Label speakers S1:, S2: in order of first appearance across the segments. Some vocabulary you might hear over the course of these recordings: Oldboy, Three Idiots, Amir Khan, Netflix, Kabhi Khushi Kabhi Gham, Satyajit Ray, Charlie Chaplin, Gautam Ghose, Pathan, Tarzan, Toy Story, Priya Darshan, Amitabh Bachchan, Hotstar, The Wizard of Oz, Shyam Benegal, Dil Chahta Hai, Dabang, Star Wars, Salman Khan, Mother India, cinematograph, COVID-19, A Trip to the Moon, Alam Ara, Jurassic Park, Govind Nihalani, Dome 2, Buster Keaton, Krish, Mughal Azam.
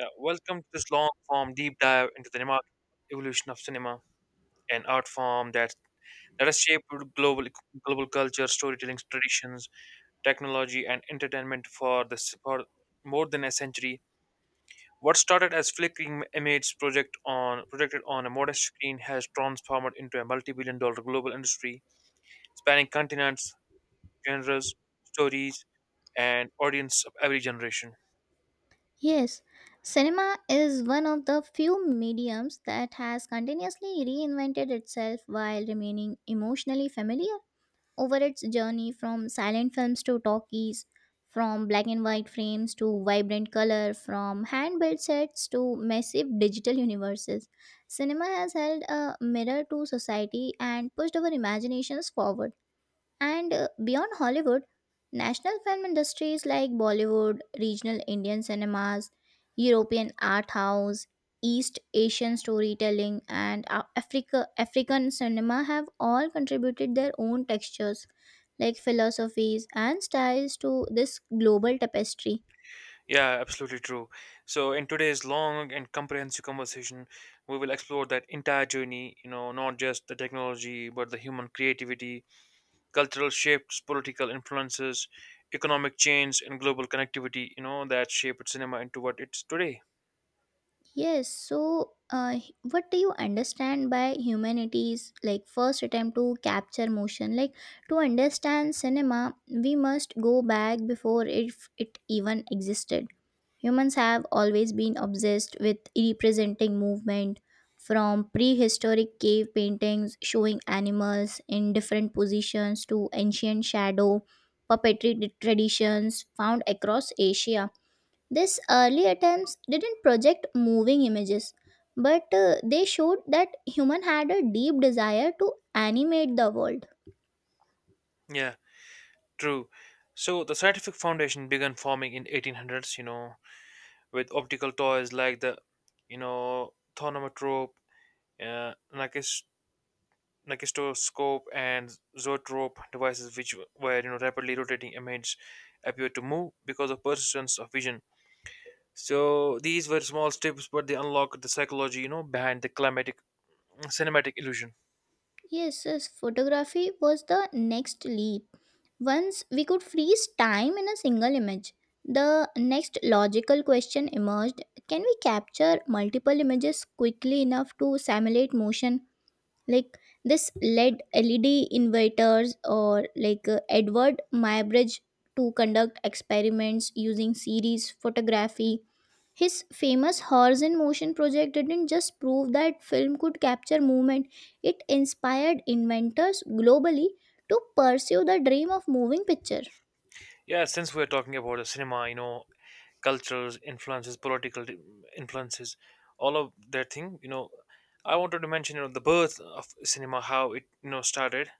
S1: Yeah, welcome to this long form deep dive into the cinema, evolution of cinema, an art form that has shaped global e, global culture, storytelling traditions, technology, and entertainment for more than a century. What started as flickering image projected on a modest screen has transformed into a multi-billion dollar global industry spanning continents, genres, stories, and audience of every generation.
S2: Yes, cinema is one of the few mediums that has continuously reinvented itself while remaining emotionally familiar over its journey from silent films to talkies, from black and white frames to vibrant color, from hand built sets to massive digital universes. Cinema has held a mirror to society and pushed our imaginations forward, and beyond Hollywood, national film industries like Bollywood, regional Indian cinemas, European art house, East Asian storytelling, and African cinema have all contributed their own textures, like philosophies and styles to this global tapestry.
S1: Yeah, absolutely true. So, in today's long and comprehensive conversation, we will explore that entire journey, not just the technology, but the human creativity, cultural shifts, political influences, economic change, and global connectivity, that shaped cinema into what it's today.
S2: Yes, so what do you understand by humanities? Like, first attempt to capture motion. Like, to understand cinema, we must go back before it even existed. Humans have always been obsessed with representing movement from prehistoric cave paintings showing animals in different positions to ancient shadow puppetry traditions found across Asia. These early attempts didn't project moving images, but they showed that human had a deep desire to animate the world.
S1: Yeah, true. So, the scientific foundation began forming in 1800s, with optical toys like the thaumatrope, uh, Nakistoscope and zoetrope devices, which were rapidly rotating images, appeared to move because of persistence of vision. So these were small steps, but they unlocked the psychology, behind the climatic cinematic illusion.
S2: Yes, yes, photography was the next leap. Once we could freeze time in a single image, the next logical question emerged: can we capture multiple images quickly enough to simulate motion? Like, this led inverters or like Edward Muybridge to conduct experiments using series photography. His famous horse in motion project didn't just prove that film could capture movement, it inspired inventors globally to pursue the dream of moving picture.
S1: Yeah, since we're talking about the cinema, cultures, influences, political influences, all of that thing. I wanted to mention the birth of cinema, how it started.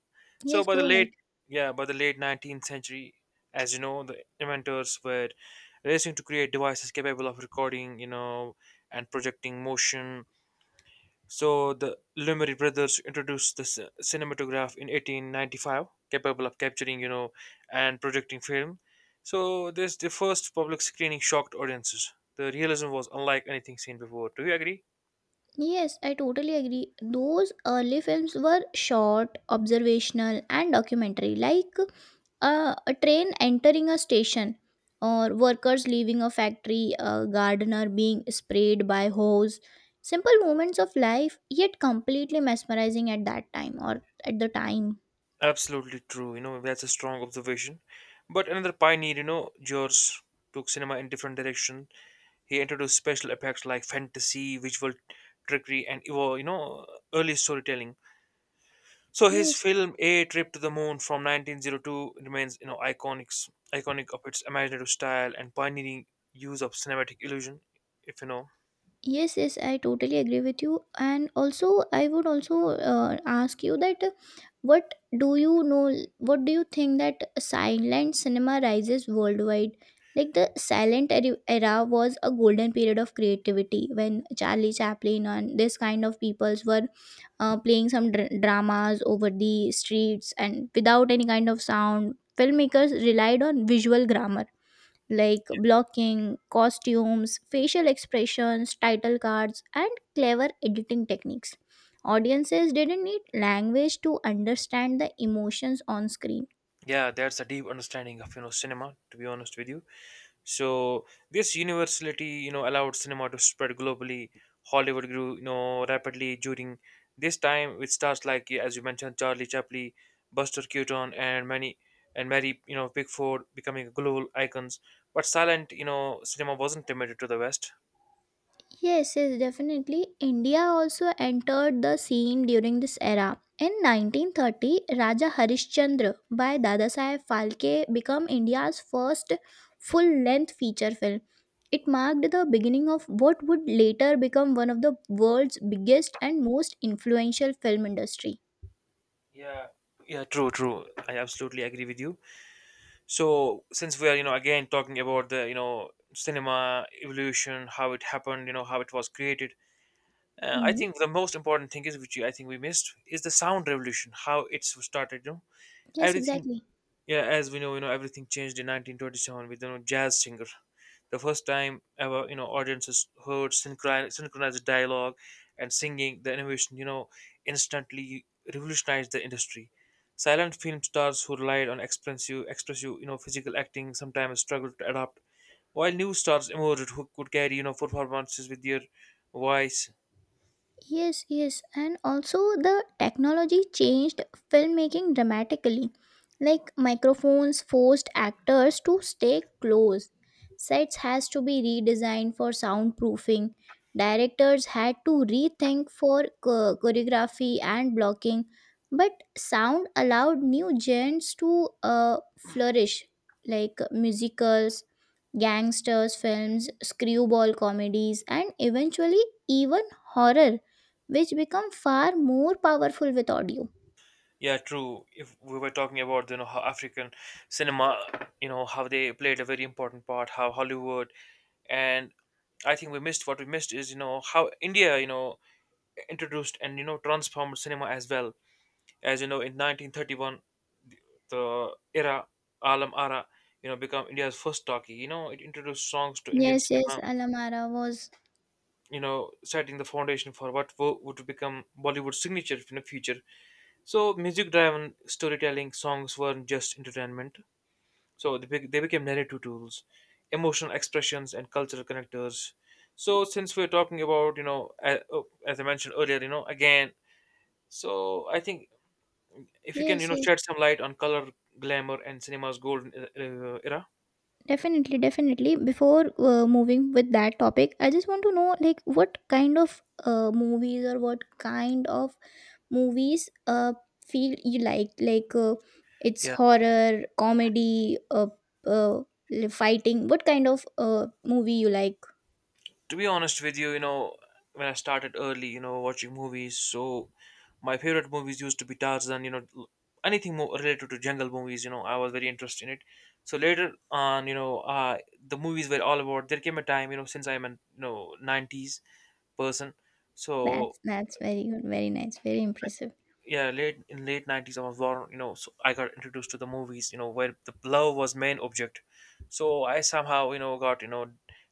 S1: So
S2: Yes,
S1: by the
S2: go ahead.
S1: late Yeah, by the late 19th century, as you know, the inventors were racing to create devices capable of recording, and projecting motion. So the Lumiere brothers introduced the cinematograph in 1895, capable of capturing, and projecting film. So this the first public screening shocked audiences. The realism was unlike anything seen before. Do you agree?
S2: Yes, I totally agree. Those early films were short, observational, and documentary, like a train entering a station, or workers leaving a factory, a gardener being sprayed by hose. Simple moments of life, yet completely mesmerizing at that time or at the time.
S1: Absolutely true. That's a strong observation. But another pioneer, George took cinema in different direction. He introduced special effects like fantasy, visual trickery, and early storytelling. So his
S2: Yes.
S1: film A Trip to the Moon from 1902 remains, iconic of its imaginative style and pioneering use of cinematic illusion. If you know,
S2: Yes, yes, I totally agree with you. And also, I would also ask you that what do you know, what do you think that silent cinema rises worldwide? Like, the silent era was a golden period of creativity when Charlie Chaplin and this kind of peoples were playing some dramas over the streets and without any kind of sound. Filmmakers relied on visual grammar like blocking, costumes, facial expressions, title cards, and clever editing techniques. Audiences didn't need language to understand the emotions on screen.
S1: Yeah, that's a deep understanding of cinema. To be honest with you. So this universality, allowed cinema to spread globally. Hollywood grew, rapidly during this time with stars like, yeah, as you mentioned, Charlie Chaplin, Buster Keaton, and Mary, Pickford becoming global icons. But silent, cinema wasn't limited to the West.
S2: Yes, yes, definitely. India also entered the scene during this era. In 1930, Raja Harishchandra by Dadasaheb Phalke became India's first full-length feature film. It marked the beginning of what would later become one of the world's biggest and most influential film industry.
S1: Yeah. Yeah, true. I absolutely agree with you. So since we are, again talking about the cinema evolution, how it happened, how it was created. I
S2: Mhm.
S1: think the most important thing is which I think we missed is the sound revolution, how it's started. You know,
S2: Yes,
S1: everything.
S2: exactly.
S1: Yeah, as we know, everything changed in 1927 with jazz singer. The first time ever, audiences heard synchronized dialogue and singing. The innovation, instantly revolutionized the industry. Silent film stars who relied on expressive, physical acting sometimes struggled to adapt, while new stars emerged who could carry, performances with their voice.
S2: Yes, yes, and also the technology changed filmmaking dramatically. Like microphones forced actors to stay close. Sets has to be redesigned for soundproofing. Directors had to rethink for choreography and blocking, but sound allowed new genres to flourish, like musicals, gangsters films, screwball comedies, and eventually even horror which become far more powerful with audio.
S1: Yeah, true. If we were talking about how African cinema, you know how they played a very important part, how Hollywood, and I think we missed what we missed is how India introduced and transformed cinema as well. As you know, in 1931, the era Alam Ara, become India's first talkie. It introduced songs to Indian
S2: Yes, yes,
S1: cinema.
S2: Alamara was.
S1: Setting the foundation for what would become Bollywood's signature in the future. So, music-driven storytelling songs weren't just entertainment. So they became narrative tools, emotional expressions, and cultural connectors. So since we're talking about, oh, as I mentioned earlier, again, so I think if you can,
S2: Yes, yes,
S1: shed some light on color, glamour, and cinema's golden era.
S2: definitely, definitely. Before moving with that topic, I just want to know like what kind of movies or what kind of movies feel you like it's
S1: Yeah,
S2: horror, comedy, uh fighting. What kind of movie you like?
S1: to be honest with you, when I started early, watching movies, so my favorite movies used to be Tarzan, anything more related to jungle movies, I was very interested in it. So later on, the movies were all about. There came a time, since I'm a '90s person, so
S2: That's very good, very nice, very impressive.
S1: yeah, late 90s I was born, so I got introduced to the movies, where the love was main object. So I somehow got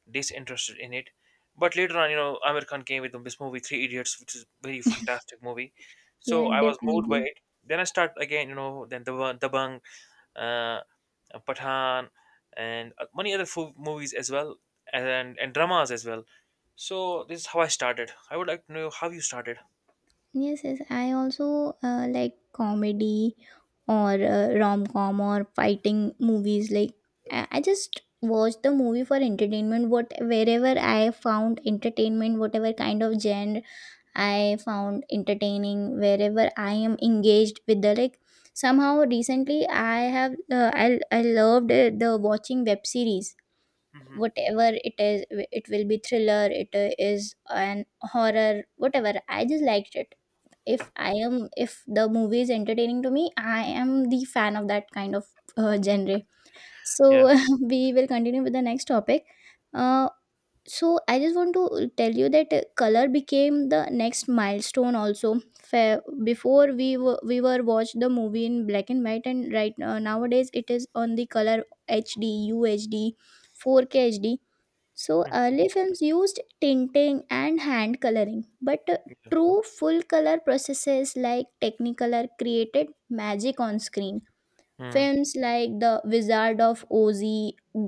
S1: disinterested in it. But later on, Amir Khan came with this movie Three Idiots, which is very fantastic movie. So
S2: Yeah,
S1: I was moved by
S2: definitely.
S1: it. Then I start again, then the Dabang, uh Pathan, and many other movies as well, and dramas as well. So this is how I started. I would like to know how you started.
S2: Yes, yes. I also like comedy or rom-com or fighting movies. Like, I just watch the movie for entertainment. What wherever I found entertainment, whatever kind of genre I found entertaining, wherever I am engaged with the like. Somehow recently I have I loved the watching web series,
S1: Hmm.
S2: whatever it is, it will be thriller, it is an horror, whatever I just liked it. If I am, if the movie is entertaining to me, I am the fan of that kind of genre.
S1: Yeah.
S2: So we will continue with the next topic. Uh, so I just want to tell you that color became the next milestone also before we were watched the movie in black and white, and right nowadays it is on the color HD UHD, 4K HD. So
S1: Mm.
S2: early films used tinting and hand coloring, but
S1: Yeah.
S2: true full color processes like Technicolor created magic on screen.
S1: Mm.
S2: Films like The Wizard of Oz,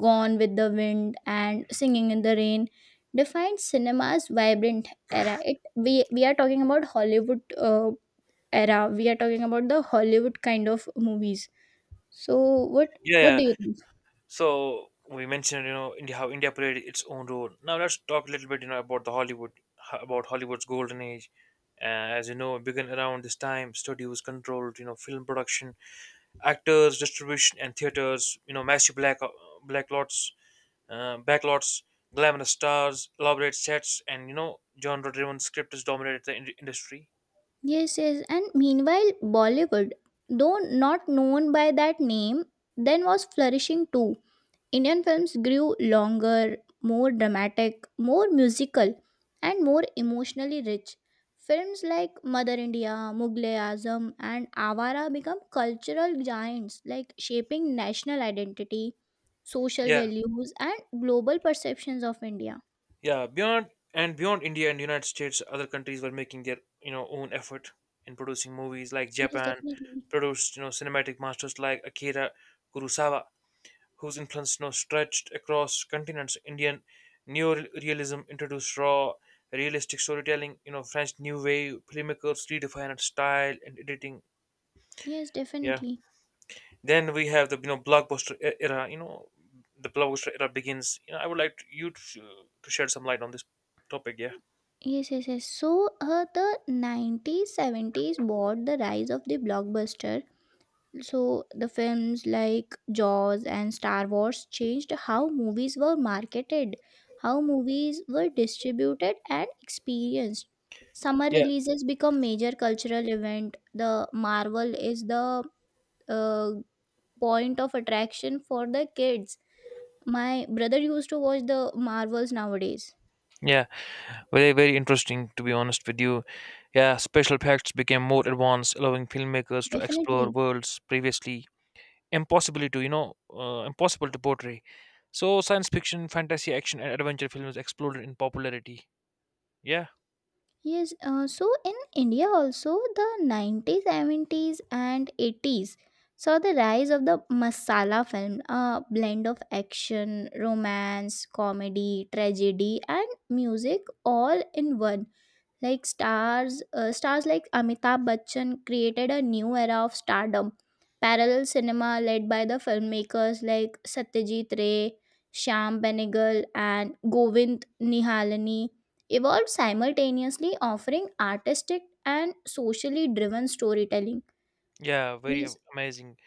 S2: Gone with the Wind, and Singing in the Rain defined cinema's vibrant era. We are talking about Hollywood era. We are talking about the Hollywood kind of movies. So what
S1: Yeah,
S2: what
S1: yeah.
S2: do you think?
S1: So we mentioned, India, how India played its own role. Now let's talk a little bit, about about Hollywood's golden age. Uh, as you know, it began around this time. Studios controlled, film production, actors, distribution, and theaters. Massive black lots, backlots, glamorous stars, elaborate sets, and genre-driven scripts dominated the industry.
S2: Yes, yes. And meanwhile, Bollywood, though not known by that name, then was flourishing too. Indian films grew longer, more dramatic, more musical, and more emotionally rich. Films like Mother India, Mughal Azam, and Avara become cultural giants, like shaping national identity, social
S1: Yeah,
S2: values, and global perceptions of India.
S1: Yeah, beyond beyond India and United States, other countries were making their own effort in producing movies. Like
S2: Yes,
S1: Japan
S2: definitely.
S1: produced cinematic masters like Akira Kurosawa, whose influence stretched across continents. Indian neorealism introduced raw, realistic storytelling. French New Wave filmmakers redefined style and editing.
S2: Yes,
S1: Yeah.
S2: definitely.
S1: Then we have the blockbuster era. The blockbuster era begins. I would like you to shed some light on this topic. Yeah.
S2: Yes, yes, yes. So, the 90s, 70s brought the rise of the blockbuster. So, the films like Jaws and Star Wars changed how movies were marketed, how movies were distributed and experienced. Summer
S1: Yeah.
S2: releases become major cultural event. The Marvel is the uh, point of attraction for the kids. My brother used to watch the Marvels nowadays.
S1: Yeah, very, very interesting to be honest with you. Yeah, special effects became more advanced, allowing filmmakers to explore
S2: Definitely.
S1: worlds previously impossible to portray. So science fiction, fantasy, action, and adventure films exploded in popularity. Yeah,
S2: Yes, so in India also, the 90s, 70s, and 80s saw the rise of the masala film, a blend of action, romance, comedy, tragedy, and music all in one, like stars like Amitabh Bachchan created a new era of stardom. Parallel cinema led by the filmmakers like Satyajit Ray, Shyam Benegal, and Govind Nihalani evolved simultaneously offering artistic and socially driven storytelling
S1: yeah,
S2: these.
S1: amazing,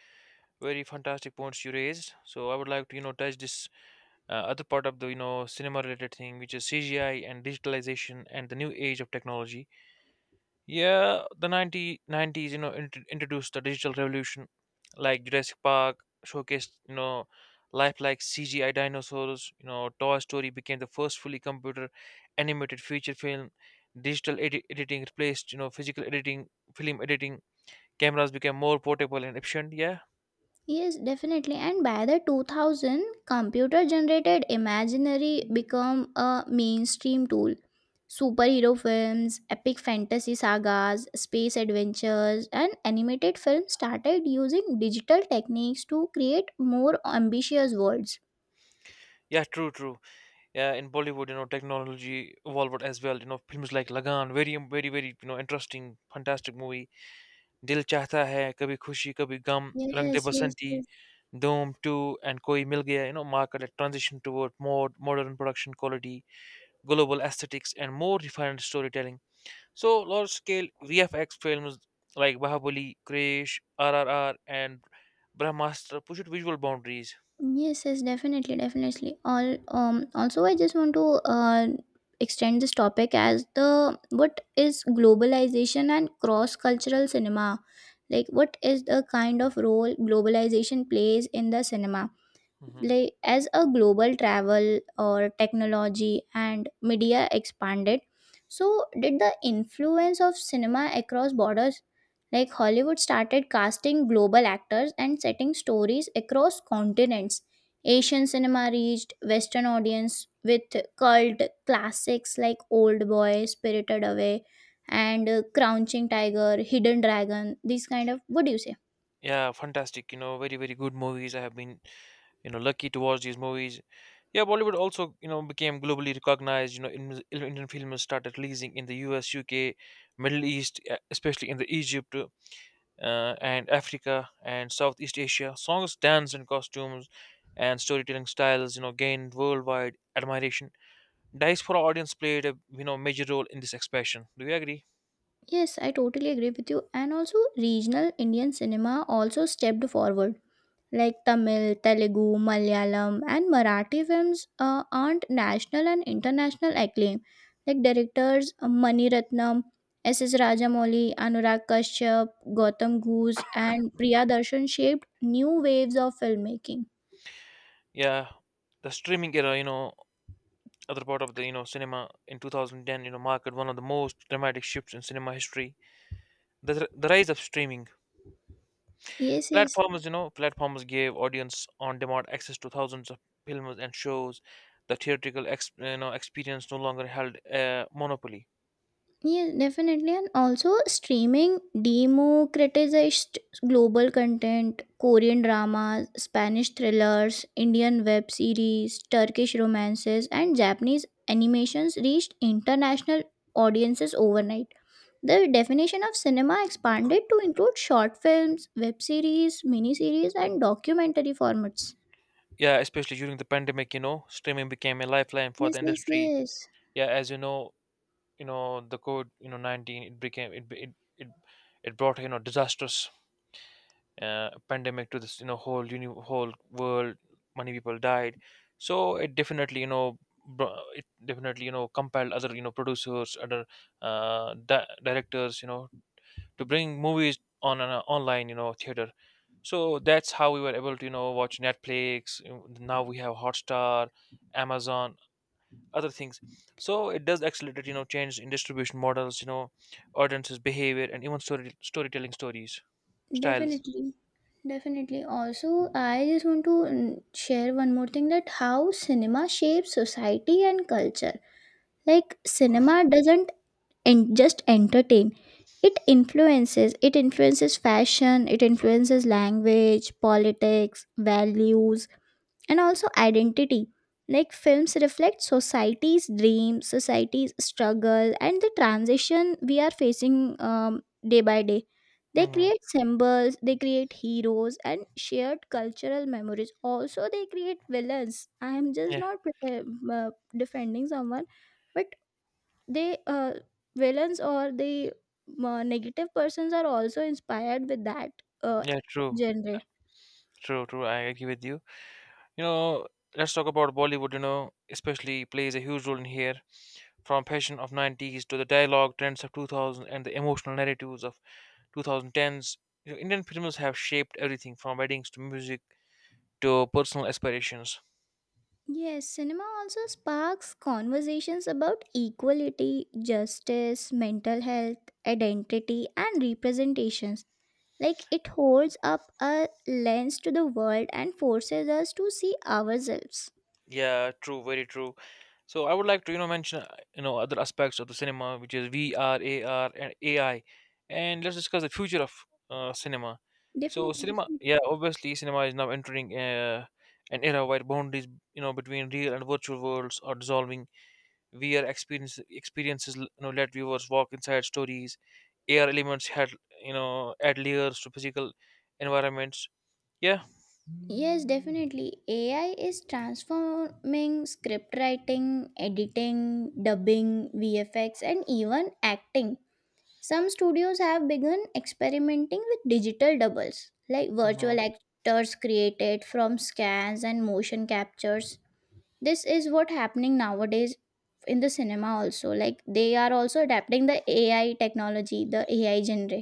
S1: very fantastic points you raised. So I would like to, touch this other part of the cinema related thing, which is CGI and digitalization and the new age of technology. Yeah, the 1990s, introduced the digital revolution, like Jurassic Park showcased, lifelike CGI dinosaurs. Toy Story became the first fully computer animated feature film. Digital editing replaced, physical editing, film editing. Cameras became more portable and efficient. Yeah,
S2: Yes, definitely. And by the 2000, computer generated imaginary become a mainstream tool. Superhero films, epic fantasy sagas, space adventures, and animated films started using digital techniques to create more ambitious worlds.
S1: yeah, true. Yeah, in Bollywood, technology evolved as well. Films like Lagan, very, very, very, interesting, fantastic movie, दिल चाहता है, कभी खुशी कभी गम, रंग दे
S2: Yes, yes,
S1: Basanti,
S2: yes.
S1: Dome 2, and Koi Mil Gaya, mark a transition toward more modern production quality, global aesthetics, and more refined storytelling. So, large-scale VFX films like Bahubali, Krish, RRR, and Brahmastra pushed visual boundaries.
S2: Yes, yes, definitely, definitely. All also I just want to uh extend this topic as the what is globalization and cross-cultural cinema? Like, what is the kind of role globalization plays in the cinema?
S1: Hmm.
S2: Like, as a global travel or technology and media expanded, so did the influence of cinema across borders. Like, Hollywood started casting global actors and setting stories across continents. Asian cinema reached western audience with cult classics like Old Boy, Spirited Away, and Crouching Tiger Hidden Dragon, these kind of, what do you say?
S1: Yeah, fantastic. Very very good movies. I have been lucky to watch these movies. Yeah, Bollywood also became globally recognized. Indian films started releasing in the US, UK, Middle East, especially in the Egypt, and Africa and Southeast Asia. Songs, dance, and costumes and storytelling styles gained worldwide admiration. Diaspora audience played a major role in this expansion. Do you agree?
S2: Yes, I totally agree with you. And also, regional Indian cinema also stepped forward. Like Tamil, Telugu, Malayalam, and Marathi films earned national and international acclaim. Like directors Mani Ratnam, SS Rajamouli, Anurag Kashyap, Gautam Ghose, and Priya Darshan shaped new waves of filmmaking.
S1: Yeah, the streaming era, other part of the cinema, in 2010, marked one of the most dramatic shifts in cinema history. The rise of streaming
S2: Yes, yes.
S1: platforms gave audience on-demand access to thousands of films and shows. The theatrical, experience no longer held a monopoly.
S2: Yeah, definitely. And also, streaming democratized global content, Korean dramas, Spanish thrillers, Indian web series, Turkish romances, and Japanese animations reached international audiences overnight. The definition of cinema expanded to include short films, web series, miniseries, and documentary formats.
S1: Yeah, especially during the pandemic, streaming became a lifeline for the
S2: Yes, yes,
S1: industry.
S2: yes.
S1: Yeah, as you know, the COVID, 19, it became it it it, it brought disastrous pandemic to this whole world. Many people died. So it definitely, it definitely compelled other producers, other directors, to bring movies on an online theater. So that's how we were able to watch Netflix. Now we have Hotstar, Amazon, other things. So it does accelerate, change in distribution models, audiences behavior, and even storytelling stories styles.
S2: Definitely, definitely. Also, I just want to share one more thing, that how cinema shapes society and culture. Like, cinema doesn't just entertain, it influences. It influences fashion, it influences language, politics, values, and also identity. Like, films reflect society's dreams, society's struggle, and the transition we are facing day by day. They
S1: Hmm.
S2: create symbols, they create heroes and shared cultural memories. Also, they create villains. I am just not uh, defending someone, but they, villains, or the negative persons are also inspired with that uh,
S1: Yeah, true,
S2: genre.
S1: true, true. I agree with you. You know, let's talk about Bollywood, especially plays a huge role in here. From fashion of 90s to the dialogue trends of 2000 and the emotional narratives of 2010s, Indian films have shaped everything from weddings to music to personal aspirations.
S2: Yes, cinema also sparks conversations about equality, justice, mental health, identity, and representations. Like, it holds up a lens to the world and forces us to see ourselves.
S1: Yeah, true, very true. So I would like to mention other aspects of the cinema, which is VR AR and AI, and let's discuss the future of cinema. So
S2: Definitely,
S1: cinema,
S2: definitely.
S1: yeah, obviously cinema is now entering an era where boundaries between real and virtual worlds are dissolving. VR experiences let viewers walk inside stories. AR elements had add layers to physical environments. Yeah.
S2: Yes, definitely. AI is transforming script writing, editing, dubbing, VFX, and even acting. Some studios have begun experimenting with digital doubles, like
S1: Mhm.
S2: virtual actors created from scans and motion captures. This is what happening nowadays in the cinema also. Like, they are also adapting the AI technology, the AI genre.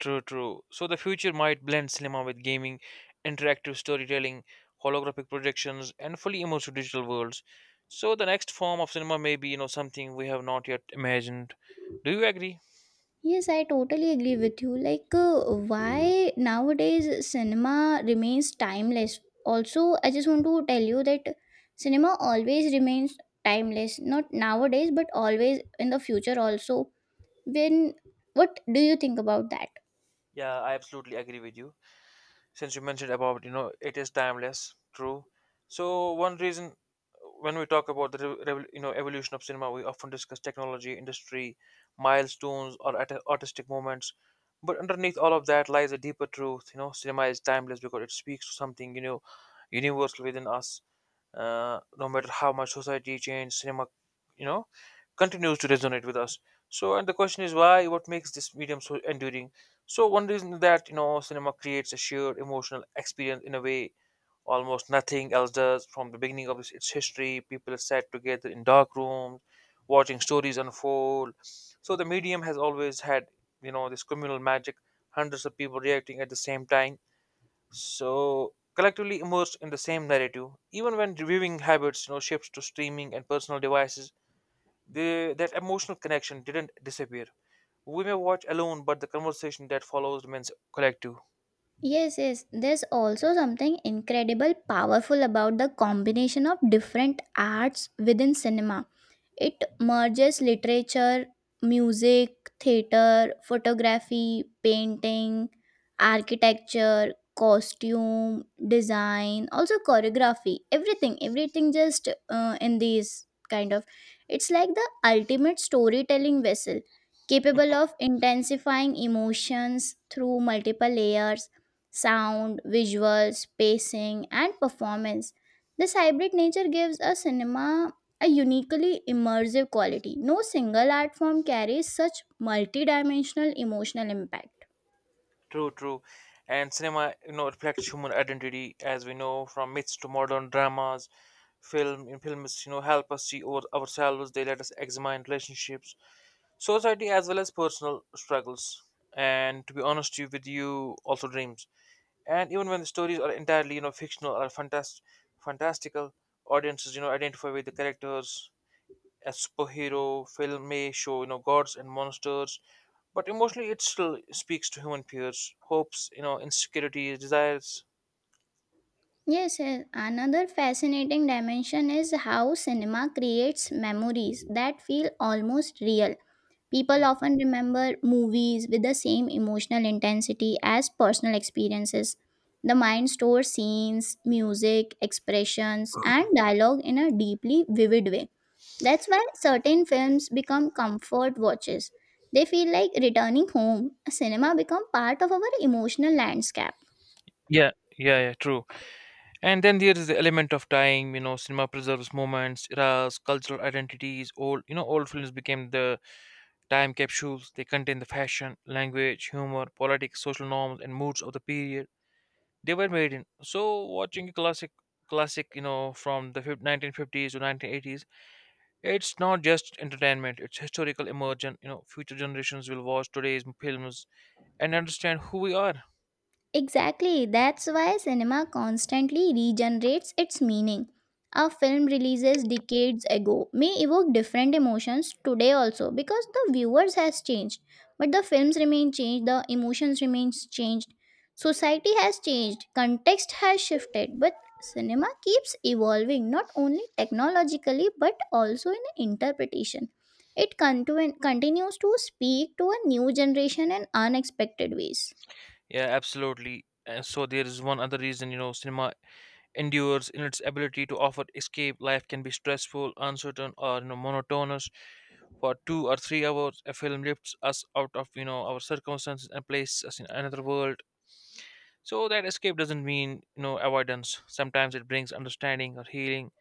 S1: True, true. So the future might blend cinema with gaming, interactive storytelling, holographic projections, and fully immersive digital worlds. So the next form of cinema may be, something we have not yet imagined. Do you agree?
S2: Yes, I totally agree with you. Like why nowadays cinema remains timeless. Also, I just want to tell you that cinema always remains timeless, not nowadays but always in the future also. When, what do you think about that?
S1: Yeah, I absolutely agree with you. Since you mentioned about it is timeless, true, so one reason, when we talk about the evolution of cinema, we often discuss technology, industry milestones, or artistic moments, but underneath all of that lies a deeper truth. You know, cinema is timeless because it speaks to something, universal within us. No matter how much society changes, cinema, you know continues to resonate with us. So, and the question is why? What makes this medium so enduring? So, one reason is that cinema creates a shared emotional experience in a way almost nothing else does. From the beginning of its history, people sat together in dark rooms, watching stories unfold. So, the medium has always had, this communal magic, hundreds of people reacting at the same time. So collectively immersed in the same narrative, even when viewing habits shifts to streaming and personal devices, the that emotional connection didn't disappear. We may watch alone, but the conversation that follows remains collective.
S2: Yes, yes. There's also something incredible powerful about the combination of different arts within cinema. It merges literature, music, theater, photography, painting, architecture, costume, design, also choreography, everything, everything just in these kind of. It's like the ultimate storytelling vessel, capable
S1: Mhm.
S2: of intensifying emotions through multiple layers, sound, visuals, pacing, and performance. This hybrid nature gives a cinema a uniquely immersive quality. No single art form carries such multidimensional emotional impact.
S1: True, true. And cinema, reflects human identity, as we know, from myths to modern dramas. Film in films, help us see ourselves. They let us examine relationships, society, as well as personal struggles. And to be honest with you, also dreams. And even when the stories are entirely, fictional or fantastical, audiences, identify with the characters. A superhero film may show, gods and monsters, but emotionally it still speaks to human fears, hopes, insecurities, desires.
S2: Yes, yes, another fascinating dimension is how cinema creates memories that feel almost real. People often remember movies with the same emotional intensity as personal experiences. The mind stores scenes, music, expressions, and dialogue in a deeply vivid way. That's why certain films become comfort watches. They feel like returning home. Cinema become part of our emotional landscape.
S1: Yeah, yeah, yeah, true. And then there is the element of time. You know, cinema preserves moments, eras, cultural identities. Old, old films became the time capsules. They contain the fashion, language, humor, politics, social norms, and moods of the period they were made in. So watching a classic, from the 1950s to 1980s, it's not just entertainment, it's historical immersion. You know, future generations will watch today's films and understand who we are.
S2: Exactly, that's why cinema constantly regenerates its meaning. A film releases decades ago may evoke different emotions today also because the viewers has changed, but the films remain changed, the emotions remains changed. Society has changed, context has shifted, but cinema keeps evolving not only technologically but also in interpretation. It continues to speak to a new generation in unexpected ways.
S1: Yeah, absolutely. And so there is one other reason, cinema endures in its ability to offer escape. Life can be stressful, uncertain, or monotonous. For two or three hours, a film lifts us out of, our circumstances and places us in another world. So that escape doesn't mean, avoidance. Sometimes it brings understanding or healing.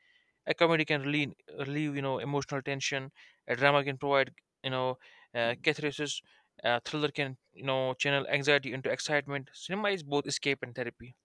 S1: A comedy can relieve, emotional tension. A drama can provide, you know catharsis. A thriller can, channel anxiety into excitement. Cinema is both escape and therapy.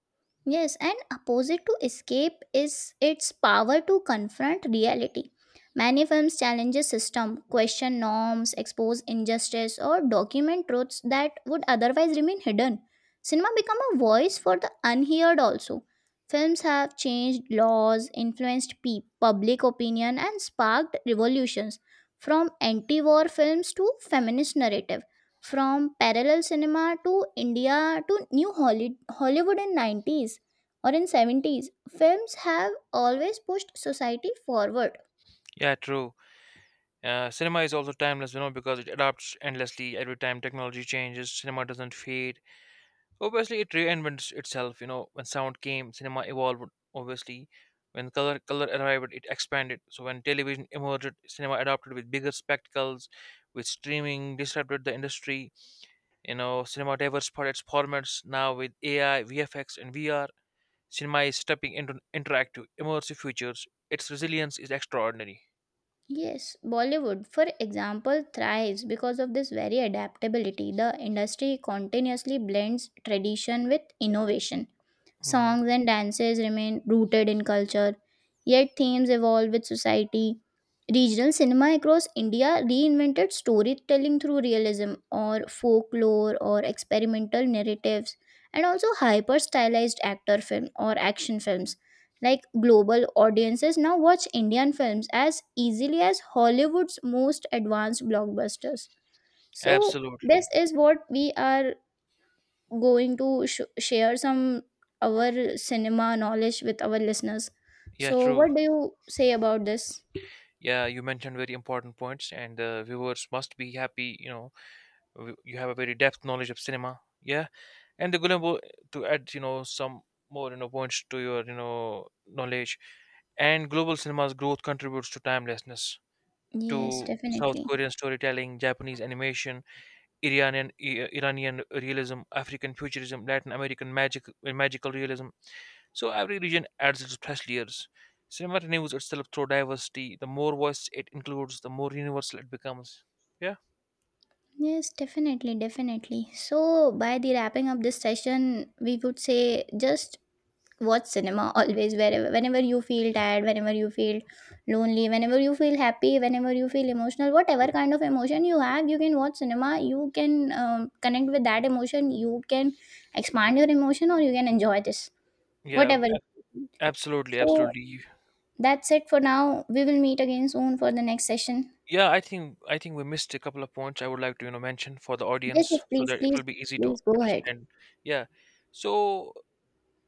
S2: Yes, and opposite to escape is its power to confront reality. Many films challenge a system, question norms, expose injustice, or document truths that would otherwise remain hidden. Cinema become a voice for the unheard also. Films have changed laws, influenced public opinion, and sparked revolutions from anti-war films to feminist narrative, from parallel cinema to India to new Hollywood in 90s or in 70s, films have always pushed society forward.
S1: Yeah, true. Cinema is also timeless, because it adapts endlessly. Every time technology changes, cinema doesn't fade, obviously. It reinvents itself. You know, when sound came, cinema evolved, obviously. When color arrived, it expanded. So when television emerged, cinema adapted with bigger spectacles. With streaming disrupted the industry, cinema diverse its formats. Now with AI, VFX and VR cinema is stepping into interactive, immersive futures. Its resilience is extraordinary.
S2: Yes, Bollywood, for example, thrives because of this very adaptability. The industry continuously blends tradition with innovation.
S1: Hmm.
S2: Songs and dances remain rooted in culture, yet themes evolve with society. Regional cinema across India reinvented storytelling through realism or folklore or experimental narratives, and also hyper stylized actor film or action films. Like, global audiences now watch Indian films as easily as Hollywood's most advanced blockbusters. So, this
S1: Absolutely.
S2: is what we are going to share some our cinema knowledge with our listeners.
S1: Yeah,
S2: So,
S1: true.
S2: what do you say about this?
S1: Yeah, you mentioned very important points and the viewers must be happy, you have a very depth knowledge of cinema, yeah. And the Gulambo, to add, some more, points to your, knowledge, and global cinema's growth contributes to timelessness.
S2: Yes,
S1: To South
S2: definitely.
S1: Korean storytelling, Japanese animation, Iranian Iranian realism, African futurism, Latin American magical realism. So every region adds its fresh layers. Cinema renews itself through diversity. The more voices it includes, the more universal it becomes. Yeah,
S2: Yes, definitely, definitely. So, by the wrapping up this session, we would say just watch cinema always, wherever, whenever you feel tired, whenever you feel lonely, whenever you feel happy, whenever you feel emotional, whatever kind of emotion you have, you can watch cinema, you can connect with that emotion, you can expand your emotion or you can enjoy this,
S1: yeah,
S2: whatever it
S1: ab-
S2: is.
S1: absolutely,
S2: So
S1: absolutely.
S2: that's it for now. We will meet again soon for the next session.
S1: Yeah, I think we missed a couple of points I would like to, mention for the
S2: Yes,
S1: audience
S2: yes,
S1: so
S2: please,
S1: that it
S2: please,
S1: will be easy to
S2: please go ahead.
S1: understand. Yeah, so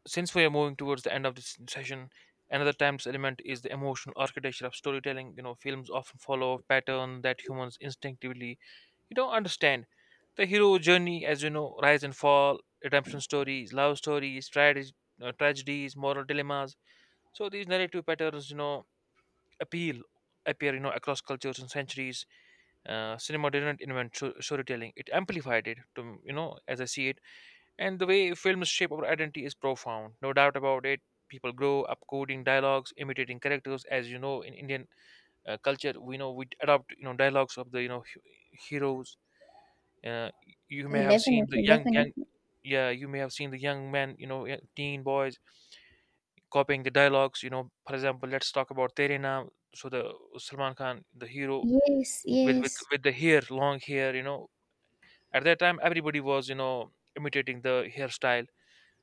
S1: since we are moving towards the end of this session, another timeless element is the emotional architecture of storytelling. You know, films often follow a pattern that humans instinctively, understand. The hero journey, as you know, rise and fall, redemption stories, love stories, tragedies, tragedies, moral dilemmas. So these narrative patterns, appeal appear, across cultures and centuries. Cinema didn't invent storytelling; it amplified it. To as I see it. And the way films shape our identity is profound, no doubt about it. People grow up coding dialogues, imitating characters. As you know, in Indian, culture, we know we adopt, dialogues of the, heroes. Uh, you may have seen the
S2: Definitely, definitely.
S1: yeah, you may have seen the young men, teen boys copying the dialogues. You know, for example, let's talk about Tere Naam. So the Salman Khan, the hero
S2: Yes,
S1: with with
S2: yes.
S1: with the hair, long hair. You know, at that time everybody was, imitating the hairstyle,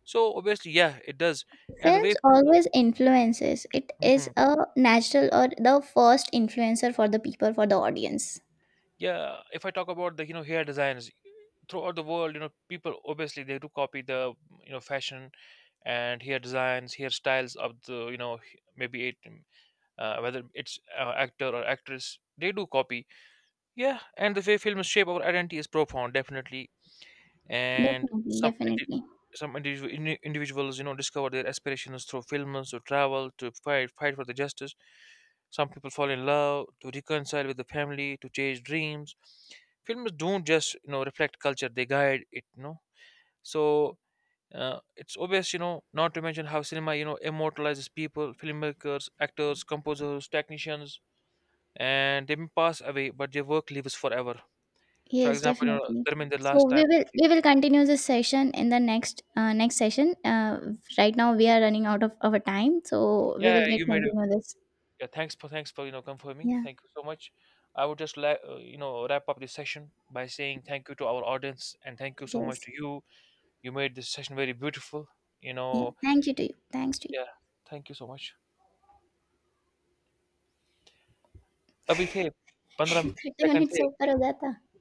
S1: so obviously, yeah, it does. And the way,
S2: Films
S1: films —
S2: always influences. It is
S1: mhm.
S2: a natural or the first influencer for the people, for the audience.
S1: Yeah, if I talk about the, hair designs throughout the world, you know, people obviously they do copy the, fashion and hair designs, hairstyles of the, maybe it, whether it's, actor or actress, they do copy. Yeah, and the way films shape our identity is profound, definitely. And
S2: Definitely,
S1: some
S2: definitely.
S1: some individuals, discover their aspirations through films, to travel, to fight for the justice. Some people fall in love, to reconcile with the family, to chase dreams. Films don't just, reflect culture, they guide it, you know. So it's obvious, not to mention how cinema, immortalizes people, filmmakers, actors, composers, technicians. And they may pass away, but their work lives forever. For
S2: Yes,
S1: example, you know,
S2: definitely.
S1: Dharminder
S2: So
S1: last
S2: we
S1: time,
S2: will we will continue this session in the next next session. Right now we are running out of our time, so we
S1: yeah,
S2: will get
S1: you made —
S2: continue this.
S1: yeah, thanks for confirming.
S2: Yeah.
S1: Thank you so much. I would just like, wrap up this session by saying thank you to our audience and thank you so much
S2: Yes.
S1: to you. You made this session very beautiful. You
S2: Yeah,
S1: know,
S2: thank you to you. Thanks to you.
S1: yeah, thank you so much. अभी थे 15
S2: 30
S1: second
S2: minutes over,
S1: थे
S2: ho gaya tha.